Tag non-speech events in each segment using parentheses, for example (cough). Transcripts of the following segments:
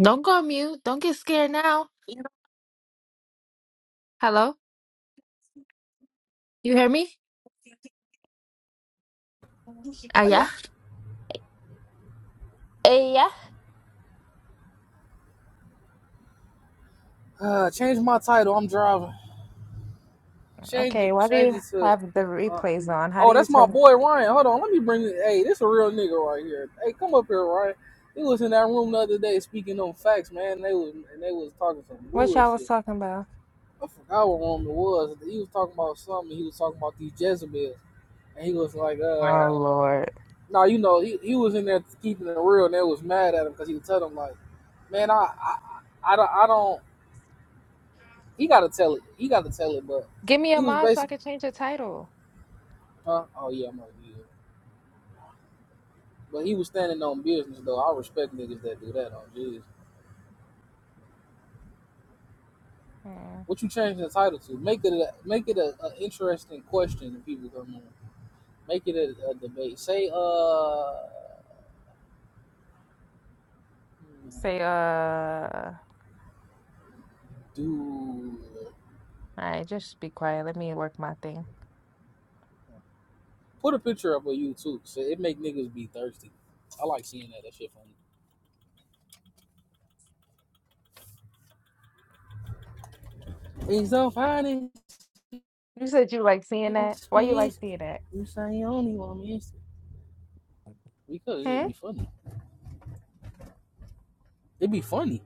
Don't go on mute. Don't get scared now. Hello? You hear me? I Uh, yeah. Hey, Uh, change my title. I'm driving. Change it. okay, why do Change you it to. have the Uh, replays on? How do oh, you that's my tell boy Ryan. Hold on. Let me bring. it- Hey, this a real nigga right here. Hey, come up here, Ryan. He was in that room the other day speaking on facts, man. They was and they was talking some what y'all was bullshit. talking about? I forgot what room it was. He was talking about something. He was talking about these Jezebels, and he was like, Oh "Uh, Lord. no, you know, he, he was in there keeping it real, and they was mad at him because he was telling them like, man, I I I I don't I don't. He got to tell it. He got to tell it, but." Give me a he was mod so basically. I can change the title. Huh? Oh yeah, I'm over here. But he was standing on business though. I respect niggas that do that. Oh jeez. Hmm. What you changing the title to? Make it a make it a, a interesting question that people come in. Make it a, a debate. Say uh Say, uh, all do right, just be quiet. Let me work my thing. put a picture up of you too. So it make niggas be thirsty. I like seeing that. That shit funny. It's so funny. You said you like seeing that. It's Why you like fish. seeing that? You say you only want me. Because it Hmm? just be funny. It be funny.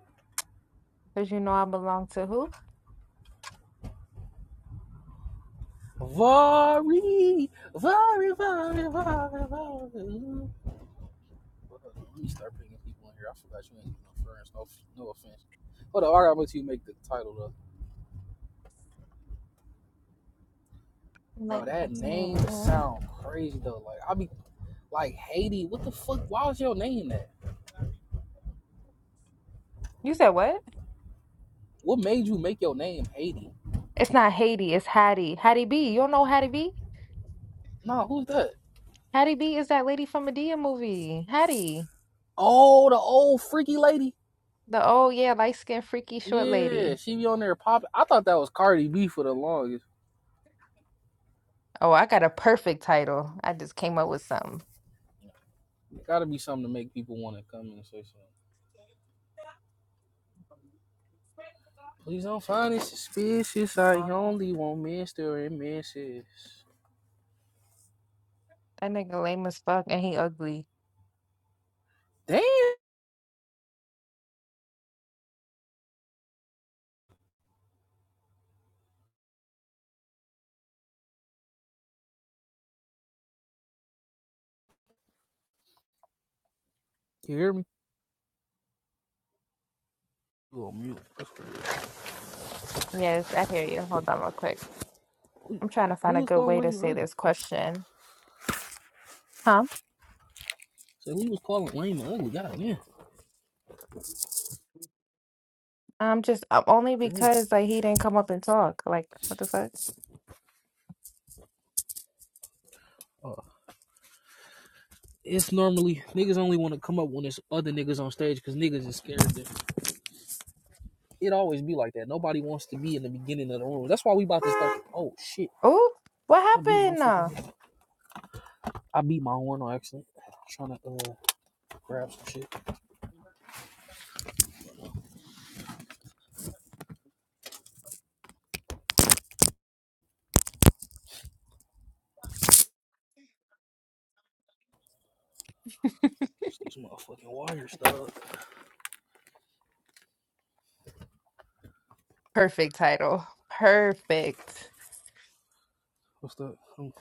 Because you know I belong to who? Vari, Vari, Vari, Vari, Vari. Hold Let me start bringing people in here. I forgot you ain't no friends. No, no offense. Hold on, I got you make the title though, bro. Like, I That name don't know. sound crazy though. Like I be like Haiti. What the fuck? Why was your name that? You said what? What made you make your name Haiti? It's not Haiti, it's Hattie. Hattie B. You don't know Hattie B? Nah, who's that? Hattie B is that lady from Medea movie. Hattie. Oh, the old freaky lady. The oh yeah, light skinned freaky short Yeah, lady. she be on there popping. I thought that was Cardi B for the longest. Oh, I got a perfect title. I just came up with something. gotta be something to make people want to come in and say something. Please don't find it suspicious. I Uh-uh. only want Mr. and Mrs. That nigga lame as fuck and he ugly. Damn. You hear me? You mute. That's Yes, I hear you. Hold on real quick. Who, I'm trying to who find you a was good calling way to lame and say ugly? this question. Huh? So who you was calling lame and ugly? God damn. I'm just um, only For real. because like he didn't come up and talk. Like what the fuck? Uh, it's normally niggas only want to come up when there's other niggas on stage because niggas is scared. That it always be like that. Nobody wants to be in the beginning of the room. That's why we about to start. Oh shit! Oh, what I beat my happened? fucking. Uh, Horn. I beat my horn on accident. I'm Trying to uh grab some shit. It's these motherfucking wires, dog. Perfect title. Perfect. What's that? I'm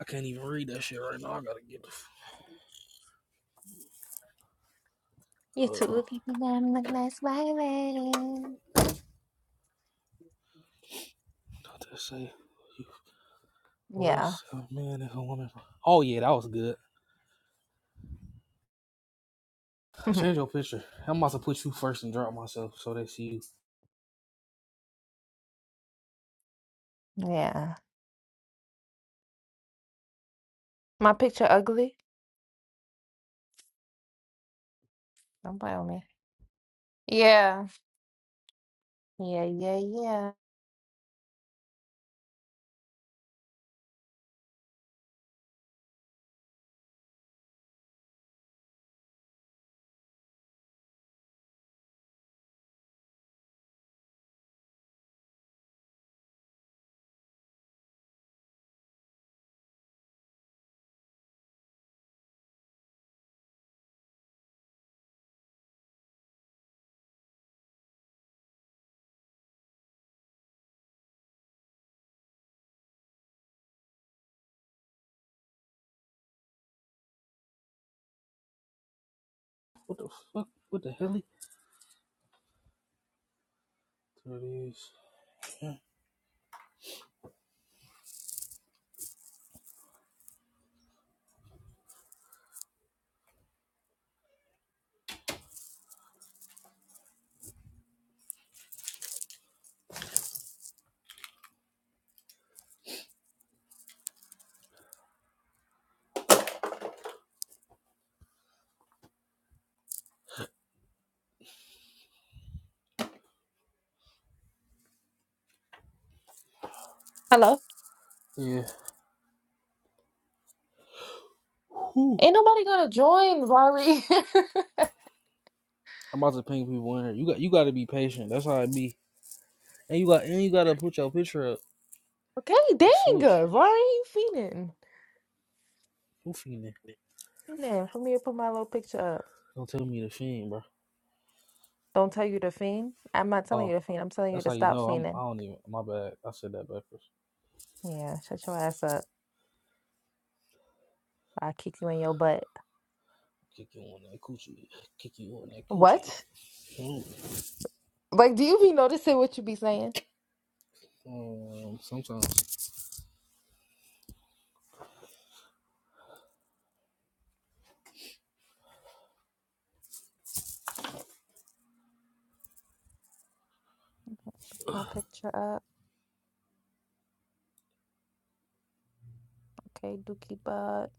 I can't even read that shit right now. I gotta get the. f- Hold on. I'm a nice white lady. Not to say. Yeah. Bless a man and a woman. Oh, yeah, that was good. (laughs) Change your picture. I'm about to put you first and drop myself so they see you. Yeah. My picture ugly? Don't play with me. Yeah. Yeah, yeah, yeah. What the fuck? What the hell? There it is. Yeah. Hello? Yeah. Whew. Ain't nobody gonna join, Vari. I'm about to ping people in here. You got you got to be patient. That's how it be. And you got and you got to put your picture up. (laughs) okay, dang. Switch. uh, Vari, you fiending. Who fiending? Man, for me to put my little picture up. Don't tell me the fiend, bro. Don't tell you to fiend. I'm not telling Oh, you to fiend. I'm telling you that's to how you stop know. I'm. I fiending. don't even. My bad. I said that backwards. Yeah, shut your ass up. I'll kick you in your butt. Kick you on that coochie. Kick you on that coochie. What? Oh, Like, do you be noticing what you be saying? um, sometimes. My picture up. Okay, dookie butt.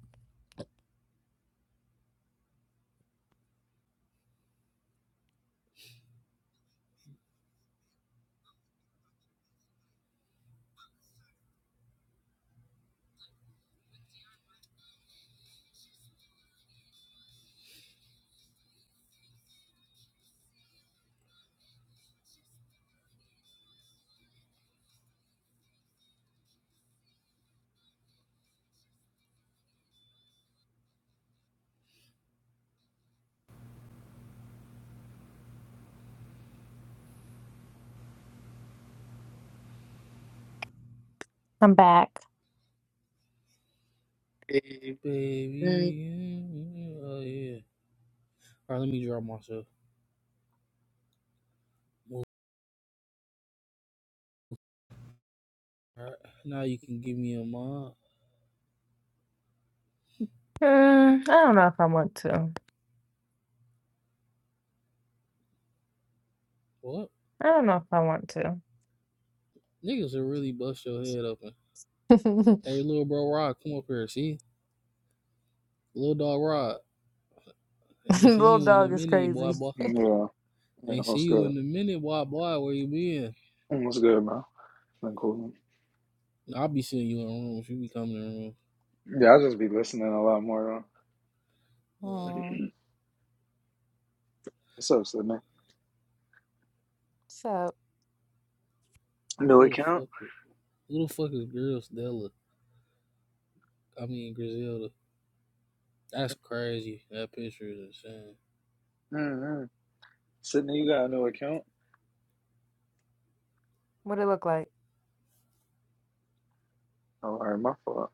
I'm back. Mm. Baby, mm, oh yeah. All right, let me drop myself. All right, now you can give me a mod. Mm, I don't know if I want to. What? I don't know if I want to. Niggas will really bust your head open. (laughs) Hey, little bro Rod, come up here. See? Little dog Rod. Ain't seen Little you in a dog is minute, crazy. boy, boy. (laughs) Yeah, yeah, Ain't what's seen you good? in a minute, boy, boy. Where you been? What's good, bro? Been cool. I'll be seeing you in rooms. You be coming in rooms. Yeah, I just be listening a lot more. Though. Uh, (clears throat) Mm, What's up, Sydney? so, New who the account? fuck? is, Who the fuck is Girl Stella? I mean, Griselda. That's crazy. That picture is insane. Mm-hmm. Sydney, you got a new account? what it look like? Oh, all right, my fault.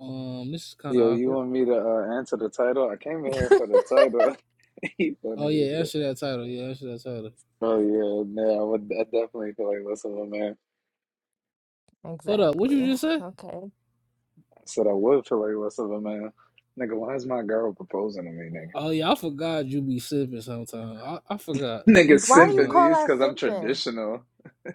Um, this is kind Yo, of you awkward. want me to uh, answer the title? I came in here for the title. (laughs) he Oh funny as yeah, shit. answer that title. Yeah, answer that title. Oh yeah, man, I would. I definitely feel like less of a man. (laughs) Hold up, what you Exactly. just say? Okay. I said I would feel like less of a man. Nigga, why is my girl proposing to me, nigga? Oh yeah, I forgot you be sipping sometime. I, I forgot (laughs) Nigga you Why do sipping. you simping Like, call these that because I'm simping? traditional.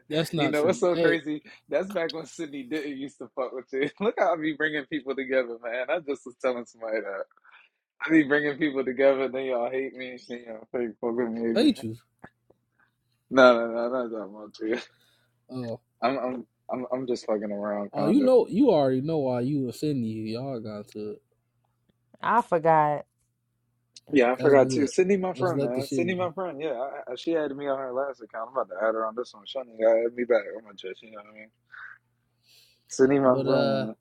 that's You not know, true. it's so Hey, crazy. That's back when Sydney didn't used to fuck with you. (laughs) Look how I be bringing people together, man. I just was telling somebody that. I be bringing people together, then y'all hate me, and then y'all fake fuck with me I again. hate you. No, no, no, not that much. yeah. Oh, (laughs) I'm, I'm, I'm, I'm just fucking around, oh, you kinda. know, you already know why you offended you. Y'all got to it. I forgot. Yeah, I That's forgot too. good. Sydney, my Let's friend, let the man. shit Sydney, my be. friend. Yeah, I, I, she added me on her last account. I'm about to add her on this one. She gotta add me back. I'm gonna judge. You know what I mean? Sydney, my But friend, uh. man.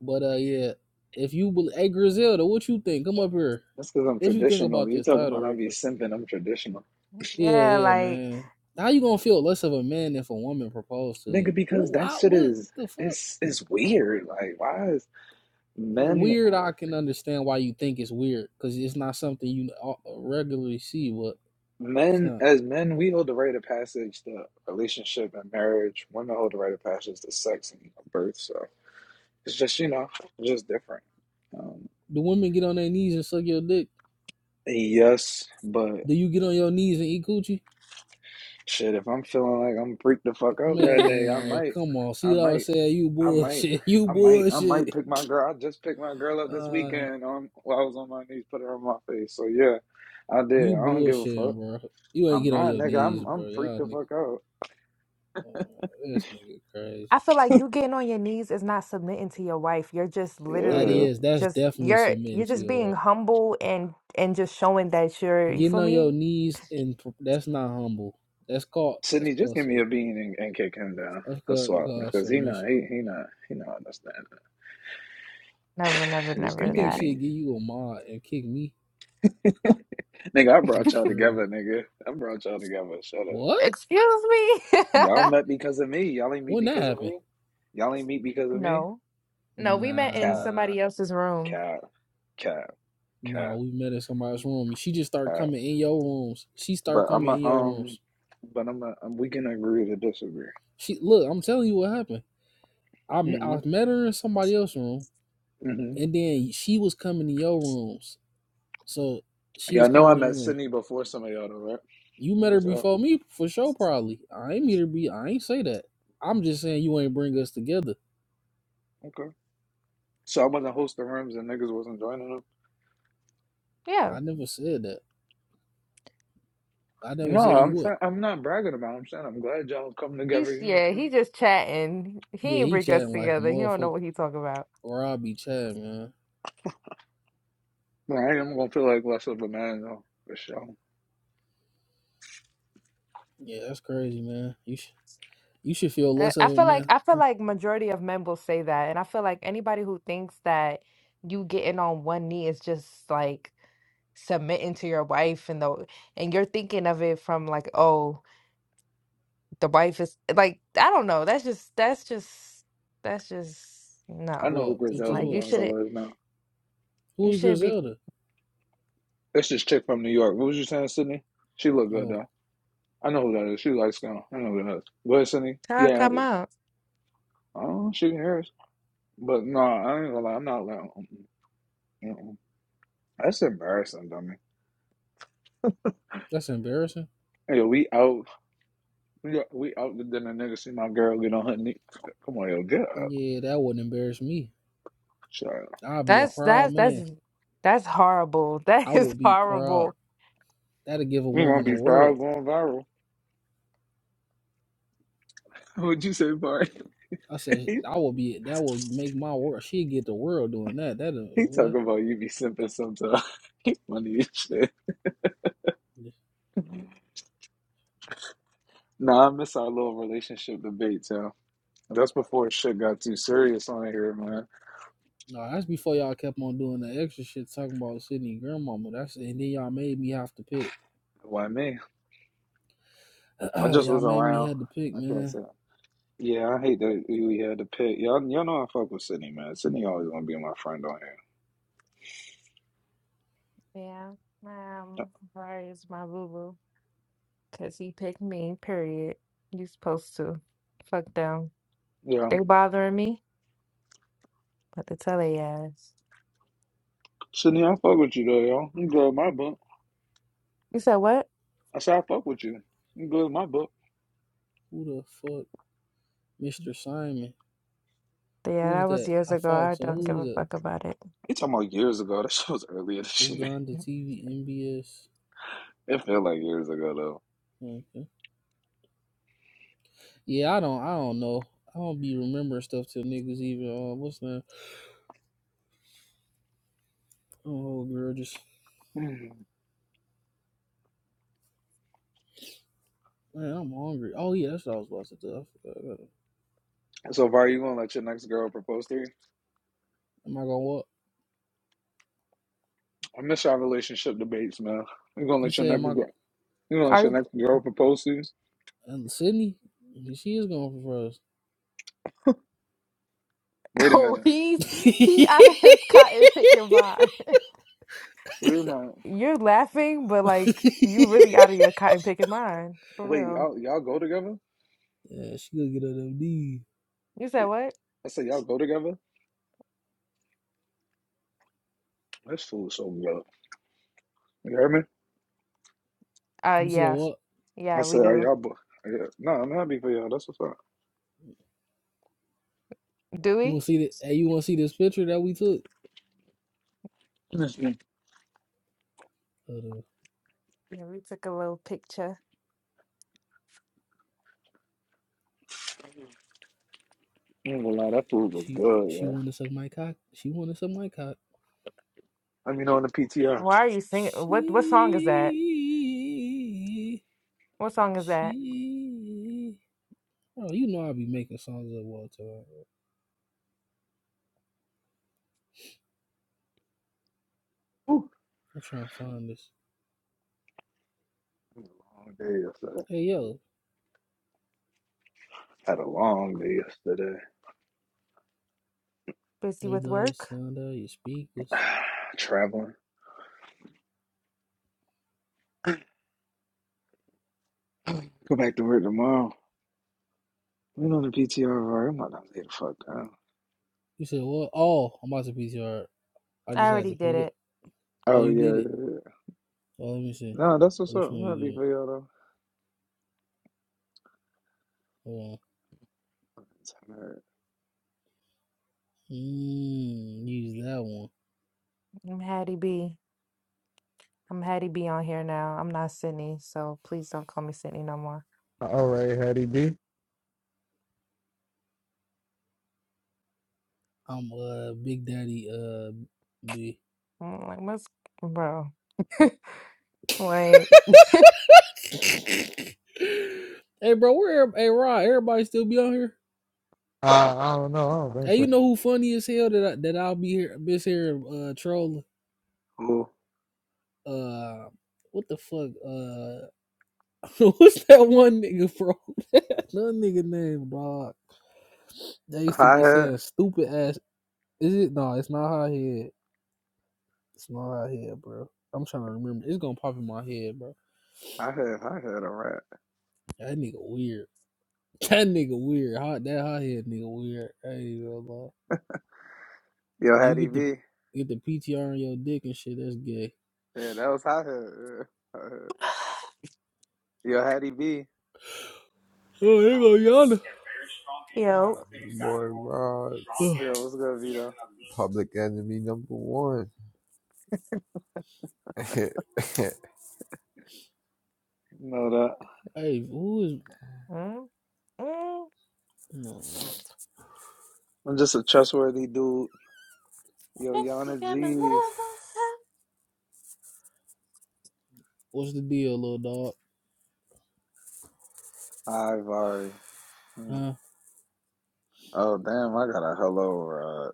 But uh, yeah, if you bel hey Griselda, what you think? Come up here. That's because I'm What you think traditional. about You this talking title, about I real be quick? simping? I'm traditional. Yeah, Yeah, yeah, like man. How you gonna feel less of a man if a woman proposed to you? Nigga, because What, that what, shit what is the fuck? it's it's weird. Like, why is men Weird. I can understand why you think it's weird because it's not something you uh, regularly see. But it's men not. as men we hold the right of passage to relationship and marriage. Women hold the right of passage to sex and birth. So it's just you know it's just different. Um, Do women get on their knees and suck your dick? yes, but Do you get on your knees and eat coochie? shit, if I'm feeling like I'm freaked the fuck out that (laughs) day, I Man, might, come on. I See what I was might, saying? You I might. bullshit. (laughs) You I might, I might bullshit. pick my girl. I just picked my girl up this Uh. weekend. Um, while I was on my knees, put her on my face. So yeah, I did. You I don't give a fuck. bullshitting, bro. You ain't I'm get on not, your nigga. knees, I'm bro. I'm freaked Y'all the nigga, fuck out. uh, this nigga crazy. I feel like you getting on your knees is not submitting to your wife. You're just That Yeah, literally is, that's just definitely you're submitting you're to just your being wife. humble and and just showing that you're you Getting feel on your me? knees and that's not humble. That's called that's Sydney, just called give me some a bean and, and kick him down. that's A called, swap called because he not submission. he he not he not understanding. Never, never, (sighs) just give You never me a think that. she'd bean, give you a mod and kick me? (laughs) nigga. I That's brought y'all crazy. together, nigga. I brought y'all together. Shut up. What? Excuse me? (laughs) Y'all met because of me. Y'all ain't meet When that because of happened? me. Y'all ain't meet because of me. No. No, we met in Cap, Nah, somebody else's room. cap, cap, nah. cap, We met in somebody's room. She just started cap. coming in your rooms. She started But I'm coming a in your um, rooms. but I'm a um, we can agree to disagree. She look. I'm telling you what happened. I m- Mm-hmm. I met her in somebody else's room, Mm-hmm. and then she was coming to your rooms. So she Yeah, I was know I coming to your met rooms. Sydney before some of y'all, though, right? You On met her this app. before me for sure, probably. I ain't meet her be. I ain't say that. I'm just saying you ain't bring us together. Okay. So I wasn't hosting rooms and niggas wasn't joining them. Yeah. I never said that. I never No, said you I'm would. saying I'm not bragging about. It. I'm saying I'm glad y'all come together. He's You know what yeah, I'm he just chatting. Yeah, He ain't he bring us chatting like a together. He don't know motherfucker. what he talking about. Or I be chatting, man. saying? But I am gonna feel like less of a man though, for sure. Yeah, that's crazy, man. You sh- you should feel I less I of it, feel like man. I feel Huh? like majority of men will say that, and I feel like anybody who thinks that you getting on one knee is just like submitting to your wife and the and you're thinking of it from like oh the wife is like I don't know that's just that's just that's just I no know who What? It just Griselda like you what? shouldn't Blanco is now. you Who's shouldn't be Griselda? It's this chick from New York. What was you saying, Sydney? She look good Oh, though. I know who that is. She likes skin. I know who that is. Go ahead, Sydney. Nah, Yeah. come out Oh, she can hear us. But no, I ain't gonna lie. I'm not like. Mm-mm. Mm-mm. That's embarrassing, dummy. that's embarrassing. Hey, we out Yeah, we out then the nigga see my girl get on her knee. Come on, yo, get up. Yeah, that wouldn't embarrass me. Shut I'll be a up. that's proud that's man. that's that's horrible (laughs) I that is will be horrible proud. That'll give a We gonna woman the be world. proud going viral. What'd you say, Bart? I (laughs) said he, I will be. That will make my world. She get the world doing that. That is he boy. talking about you be simping sometimes. (laughs) He funny as (laughs) shit. Nah, I miss our little relationship debate, yo. That's before shit got too serious on here, man. No, that's before y'all kept on doing the extra shit talking about Sydney grandmama. That's and then y'all made me have to pick. Why me? (clears throat) I just y'all was made me around. had to pick, I can't man. say. Yeah, I hate that we we had to pick. Y'all, y'all know I fuck with Sydney, man. Sydney always gonna be my friend on here. Yeah, Yeah, um, Vari is my boo boo because he picked me, period. You supposed to. Fuck them. Yeah. They bothering me, but to tell they ass. Sydney, I fuck with you though, y'all. You grab my book. You said what? I said, I fuck with you. You good with my book. Who the fuck, Mr. Simon? Yeah, Who's that was that? years I ago. fall. I So don't who give is a it? fuck about it. You talking about years ago. (laughs) That shit was earlier this year. Uganda TV NBS. It felt like years ago, Okay. Yeah, I don't. I don't know. I don't be remembering stuff till niggas even. Uh, what's that? Oh, girl, just though. Hmm. Man, I'm hungry. Oh yeah, that's what I was about to do. I forgot. I gotta- So, Var, you gonna let your next girl propose to you? Am I gonna walk? I miss our relationship debates, man. You gonna You let your said next am I girl? You gonna let Are your you- next girl propose to you? and Sydney? She is going for us. (laughs) Wait a oh minute. he's (laughs) yeah, he out of his cotton picking mind. (laughs) Wait a minute. You're laughing, but like you really out of your cotton picking mind. For Wait, real. y'all y'all go together? she gonna get on them knees. You said Yeah. what? I said y'all go together. This fool's so good. You hear me? Uh You said yeah. what? I Yeah, we said, are do. y'all? Bo- yeah. No, I'm happy for y'all. That's what's up. Do You we? wanna see the hey, you wanna see this picture that we took? I Hold on. Yeah, we took a little picture. ain't gonna lie, that food was She good, she yeah. wanna suck my cock. She wanna suck my cock. Let me know in the PTR. Why are you singing? What what song is that? She What song is that? she Oh, you know I be making songs up, Walter. I'm trying to find this. Long day yesterday. Hey yo, Had a long day yesterday. Busy Let me with blow the work? sound out your speakers. (sighs) Traveling. Go back to work tomorrow. Lean on the PTR already. I'm about to lay the fuck down. You said what? Oh, I'm about to PCR. I I just had already to did pick it. it. Oh, Oh you yeah, did it. yeah, yeah. Oh, let me see. No, that's what's Which up. one I'm you happy did? for y'all though. Hold on. It's alright. Mm, use that one. I'm Hattie B. I'm Hattie B on here now. I'm not Sydney, so please don't call me Sydney no more. All right, Hattie B. I'm uh Big Daddy uh B. (coughs) I'm like, what's bro? Wait, (laughs) hey bro, where? Hey Rod, everybody still be on here? Uh, I don't know. I don't think Hey, you so. know who funny as hell that I, that I'll be here, miss here uh trolling. Cool. Uh, what the fuck? Uh, (laughs) what's that one nigga, bro? (laughs) that nigga name, dog. They used to Hi be hat. saying stupid ass. Is it? No, it's not hot head. It's not hot head, bro. I'm trying to remember. It's gonna pop in my head, bro. Hi hat. Hi hat. All right. That nigga weird. (laughs) That nigga weird. Hot that hot head nigga weird. Hey, bro. Yo, When you Hattie get B. the get the PTR on your dick and shit, that's gay. (sighs) Yeah, that was hi hat. Yeah. Hi hat. Yo, Hattie B. Oh, here go yonder. yo. Boy Rod, Oh. Yo, what's good, Vito? public enemy number one. (laughs) Ain't You know that. (sighs) hey, who is? Mm, mm, No. I'm just a trustworthy dude. Yo, baby, Yana I'm a G's. lover. What's the deal, little dog? Ivory. Hmm. Huh? Oh damn! I got a hello rod.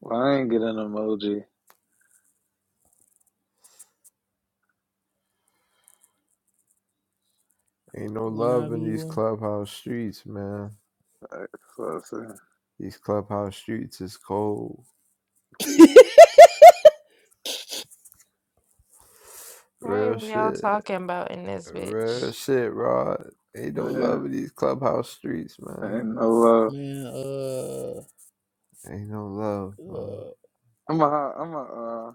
Well, I ain't get an emoji. no When I love in be these one. clubhouse streets, man. Like, So, so These clubhouse streets is cold. (laughs) What Real is y'all shit. talking about in this Real bitch? shit, Rod. Ain't no yeah, love in these clubhouse streets, man. ain't no. Uh, Man, uh, Ain't no love, man. uh, I'm a. I'm a. Uh,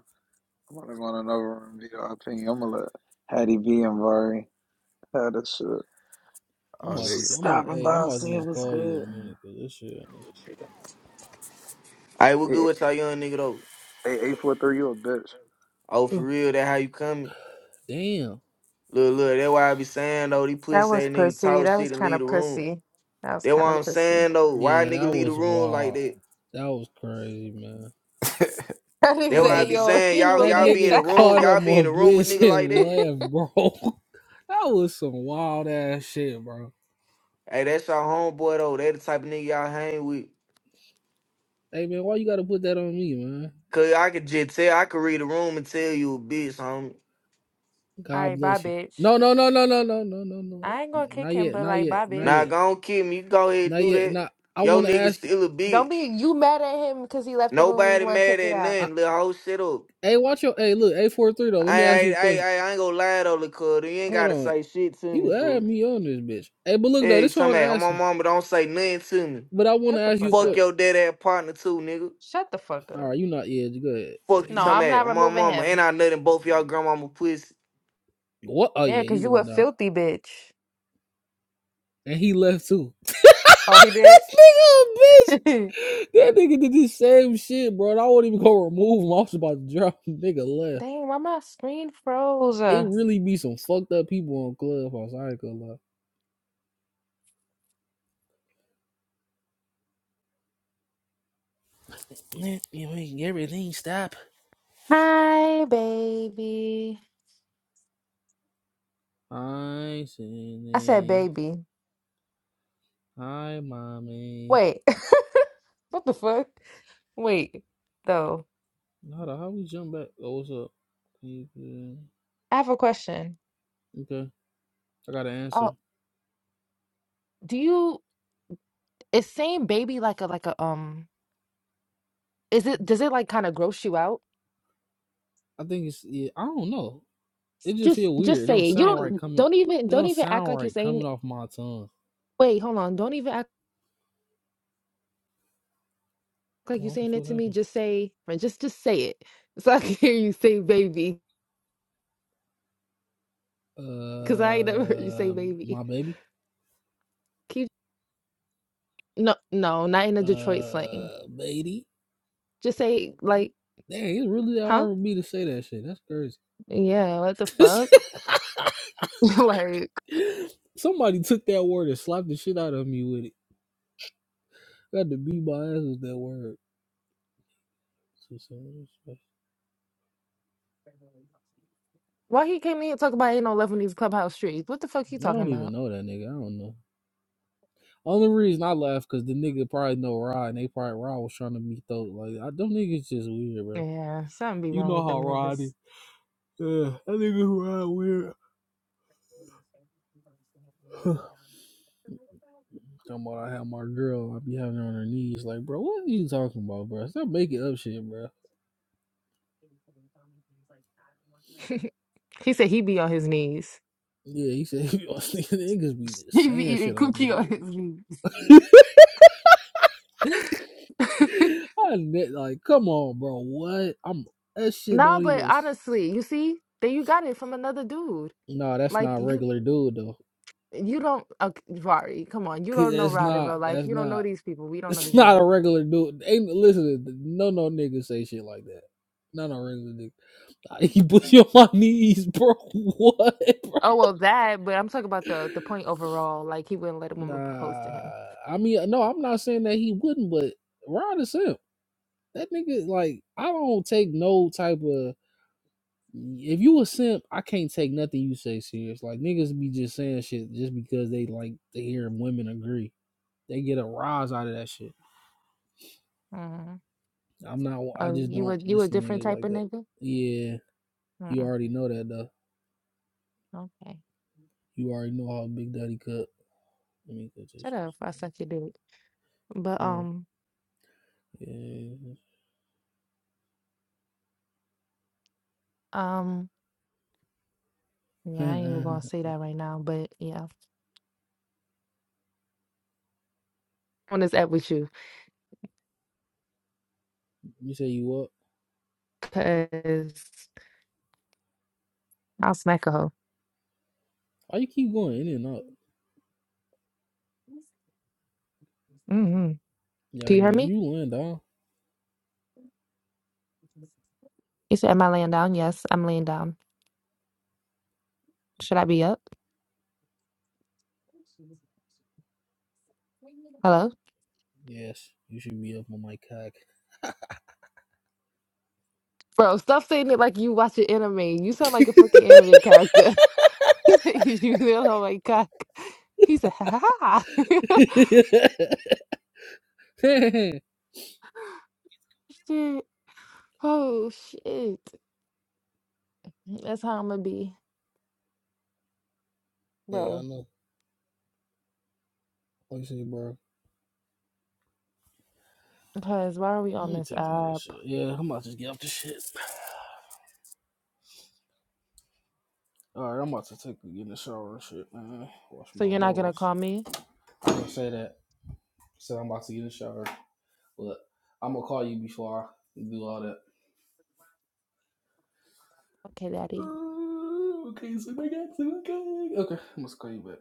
I'm gonna go in another room. Be the opinion. I'm gonna let Hattie B and Vari have this shit. I'm Oh, about Just they to, I'm about, stopping hey, I'm by, about to seeing just what's call you in a good. minute, cause this shit. I what good Hey, with y'all young nigga though? hey, eight four three. You a bitch. Oh, for Oh, real, that how you coming? damn. Look, look, that why I be saying though, these That pussy was ass nigga pussy. talk That was shit and kind leave of the room. pussy. That was That kind why of I'm pussy. saying though, why a Yeah, that nigga leave the was room like wild. that? That was crazy, man. (laughs) I think That That why I that be nigga, yo, (laughs) saying you y'all a that y'all bitch. be (laughs) in the nigga (laughs) room, caught All up y'all be my in the room with bitch nigga and like that. left, bro. (laughs) that was some wild ass shit, bro. Hey, that's y'all homeboy though. That the type of nigga y'all hang with. Hey, man, why you gotta put that on me, man? Cause I could just tell, I could read the room and tell you a bitch, homie. God right, bye, bless you. bitch. No, no, no, no, no, no, no, no, no. I ain't gonna kick Not him, yet, but not like, yet, bye, not Now yet, bitch. go on kill me, you go ahead and not do yet. that. Not. I Yo want to nigga ask you. still a Don't be bitch. you mad at him because he left the room and you Nobody want to mad take it at out. I, nothing. Little whole shit up. hey, watch your. Hey, look, eight four three though. Let I me I ask you a question. I I ain't gonna lie though, Lakota. You ain't Hold gotta on. say shit to me, You add fool. me on this bitch. Hey, but look though, Hey, you this one I talking want to about on ask my you. mama don't say nothing to me. But I want to Shut the ask you fuck a Fuck question. up. your dead ass partner too, nigga. Shut the fuck All up. right, you not yeah, you good. Yeah, Fuck you No, you- talking I'm about not on my removing mama. Ain't him. I nothing both y'all grandmama pussy. what? Oh Yeah, yeah, because you you a going down? filthy bitch. And he left too. (laughs) this Oh, he did? nigga, a bitch. (laughs) That nigga did the same shit, bro. And I won't even go remove him. I was about to drop. him. Nigga left. Dang, why my screen froze? It Uh, really be some fucked up people on Clubhouse. I ain't gonna lie. You make everything stop. Hi, baby. I seen I said baby. Hi, mommy. Wait. (laughs) what the fuck? Wait, though. Hold on, how we jump back? Oh, what's up? Okay, I have a question. I got an answer. Oh, do you, is saying baby like a, like a, um, is it, does it like kind of gross you out? I think it's yeah. I don't know. It just Just feel just weird. It don't say it. You sound right don't coming. don't even It don't don't even act sound like you're right saying coming off my tongue. wait, hold on. Don't even act like Oh, you're What the saying it fuck to me. happened? Just say friend, just just say it. (laughs) So I can hear you say baby. Cause I ain't never heard you say Uh, baby. my baby. Keep no no, not in a Detroit slang. Uh, baby. Just say like, Dang, it's really that huh? hard for me to say that shit. That's crazy. Yeah, what the fuck? (laughs) like (laughs) Somebody took that word and slapped the shit out of me with it. I had to beat my ass with that word. why he came in and talk about ain't no love in these clubhouse streets? What the fuck you I talking don't even about? know that nigga. I don't know. Only reason I laugh because the nigga probably know Rod and they probably Rod was trying to meet those. Like, I, them niggas just weird, bro. Yeah, something be You wrong know with how them niggas. Rod is. Uh, that nigga who Rod weird. (sighs) talking about I have my girl, I be having her on her knees. Like, bro, what are you (laughs) talking about, bro? Stop making up shit, bro. he said he be on his knees. Yeah, he said (laughs) niggas be (laughs) He be saying eating shit on this coochie on bitch. his knees. (laughs) (laughs) I admit, like, come on, bro. What? I'm that shit No, don't but even. honestly, you see, then you got it from another dude. No, that's not Like a you, regular dude though. you don't. Okay, Vari, come on, you (laughs) don't know That's Rod in not. real life. That's You don't know not. (laughs) these people. We don't know these It's not a people. regular dude. Ain't listen. No, no niggas say shit like that. Not a regular nigga. He put you on my (laughs) knees, bro. What, bro? Oh well, that. But I'm talking about the the point overall. Like he wouldn't let a woman propose to him. Nah, I mean, no, I'm not saying that he wouldn't, but Rod is simp. That nigga, like, I don't take no type of. If you a simp, I can't take nothing you say serious. Like niggas be just saying shit just because they like to hear women agree. They get a rise out of that shit. Mm-hmm. I'm not. I Oh, just you a don't you a listen to different niggas type like of that. nigga? Yeah, you Mm-mm. already know that though. Okay. You already know how Big Daddy cut. Let me cut Shut this. up. I suck your dick. But Come on. um Yeah. um (laughs) yeah, I ain't even gonna you say that right now. But yeah, on this app with you, say you up? cause I'll smack a hoe. Why you keep going in and out? mm hmm Yeah, Do you hear me? you laying down? You said, "Am I laying down?" Yes, I'm laying down. Should I be up? Hello, Yes, you should be up on my cock. bro. Stop saying it like you watch an anime. You sound (laughs) like a freaking anime character. (laughs) He said, "You you little oh my cock." He said, (laughs) "Ha ha." ha. hey, (laughs) Shit. Oh shit. That's how I'm gonna be, I bro. know. Like I said, bro. Because why are we Let on me this take all this app? shit. Yeah, I'm about to get up the shit. All right, I'm about to take get in the shower and shit, man. Wash So my you're not gonna balls. call me? I didn't say that. I Said I'm about to get in the shower, but I'm gonna call you before I do all that. Okay, daddy. Uh, Okay, so I got to okay. Okay, I'm gonna call you back.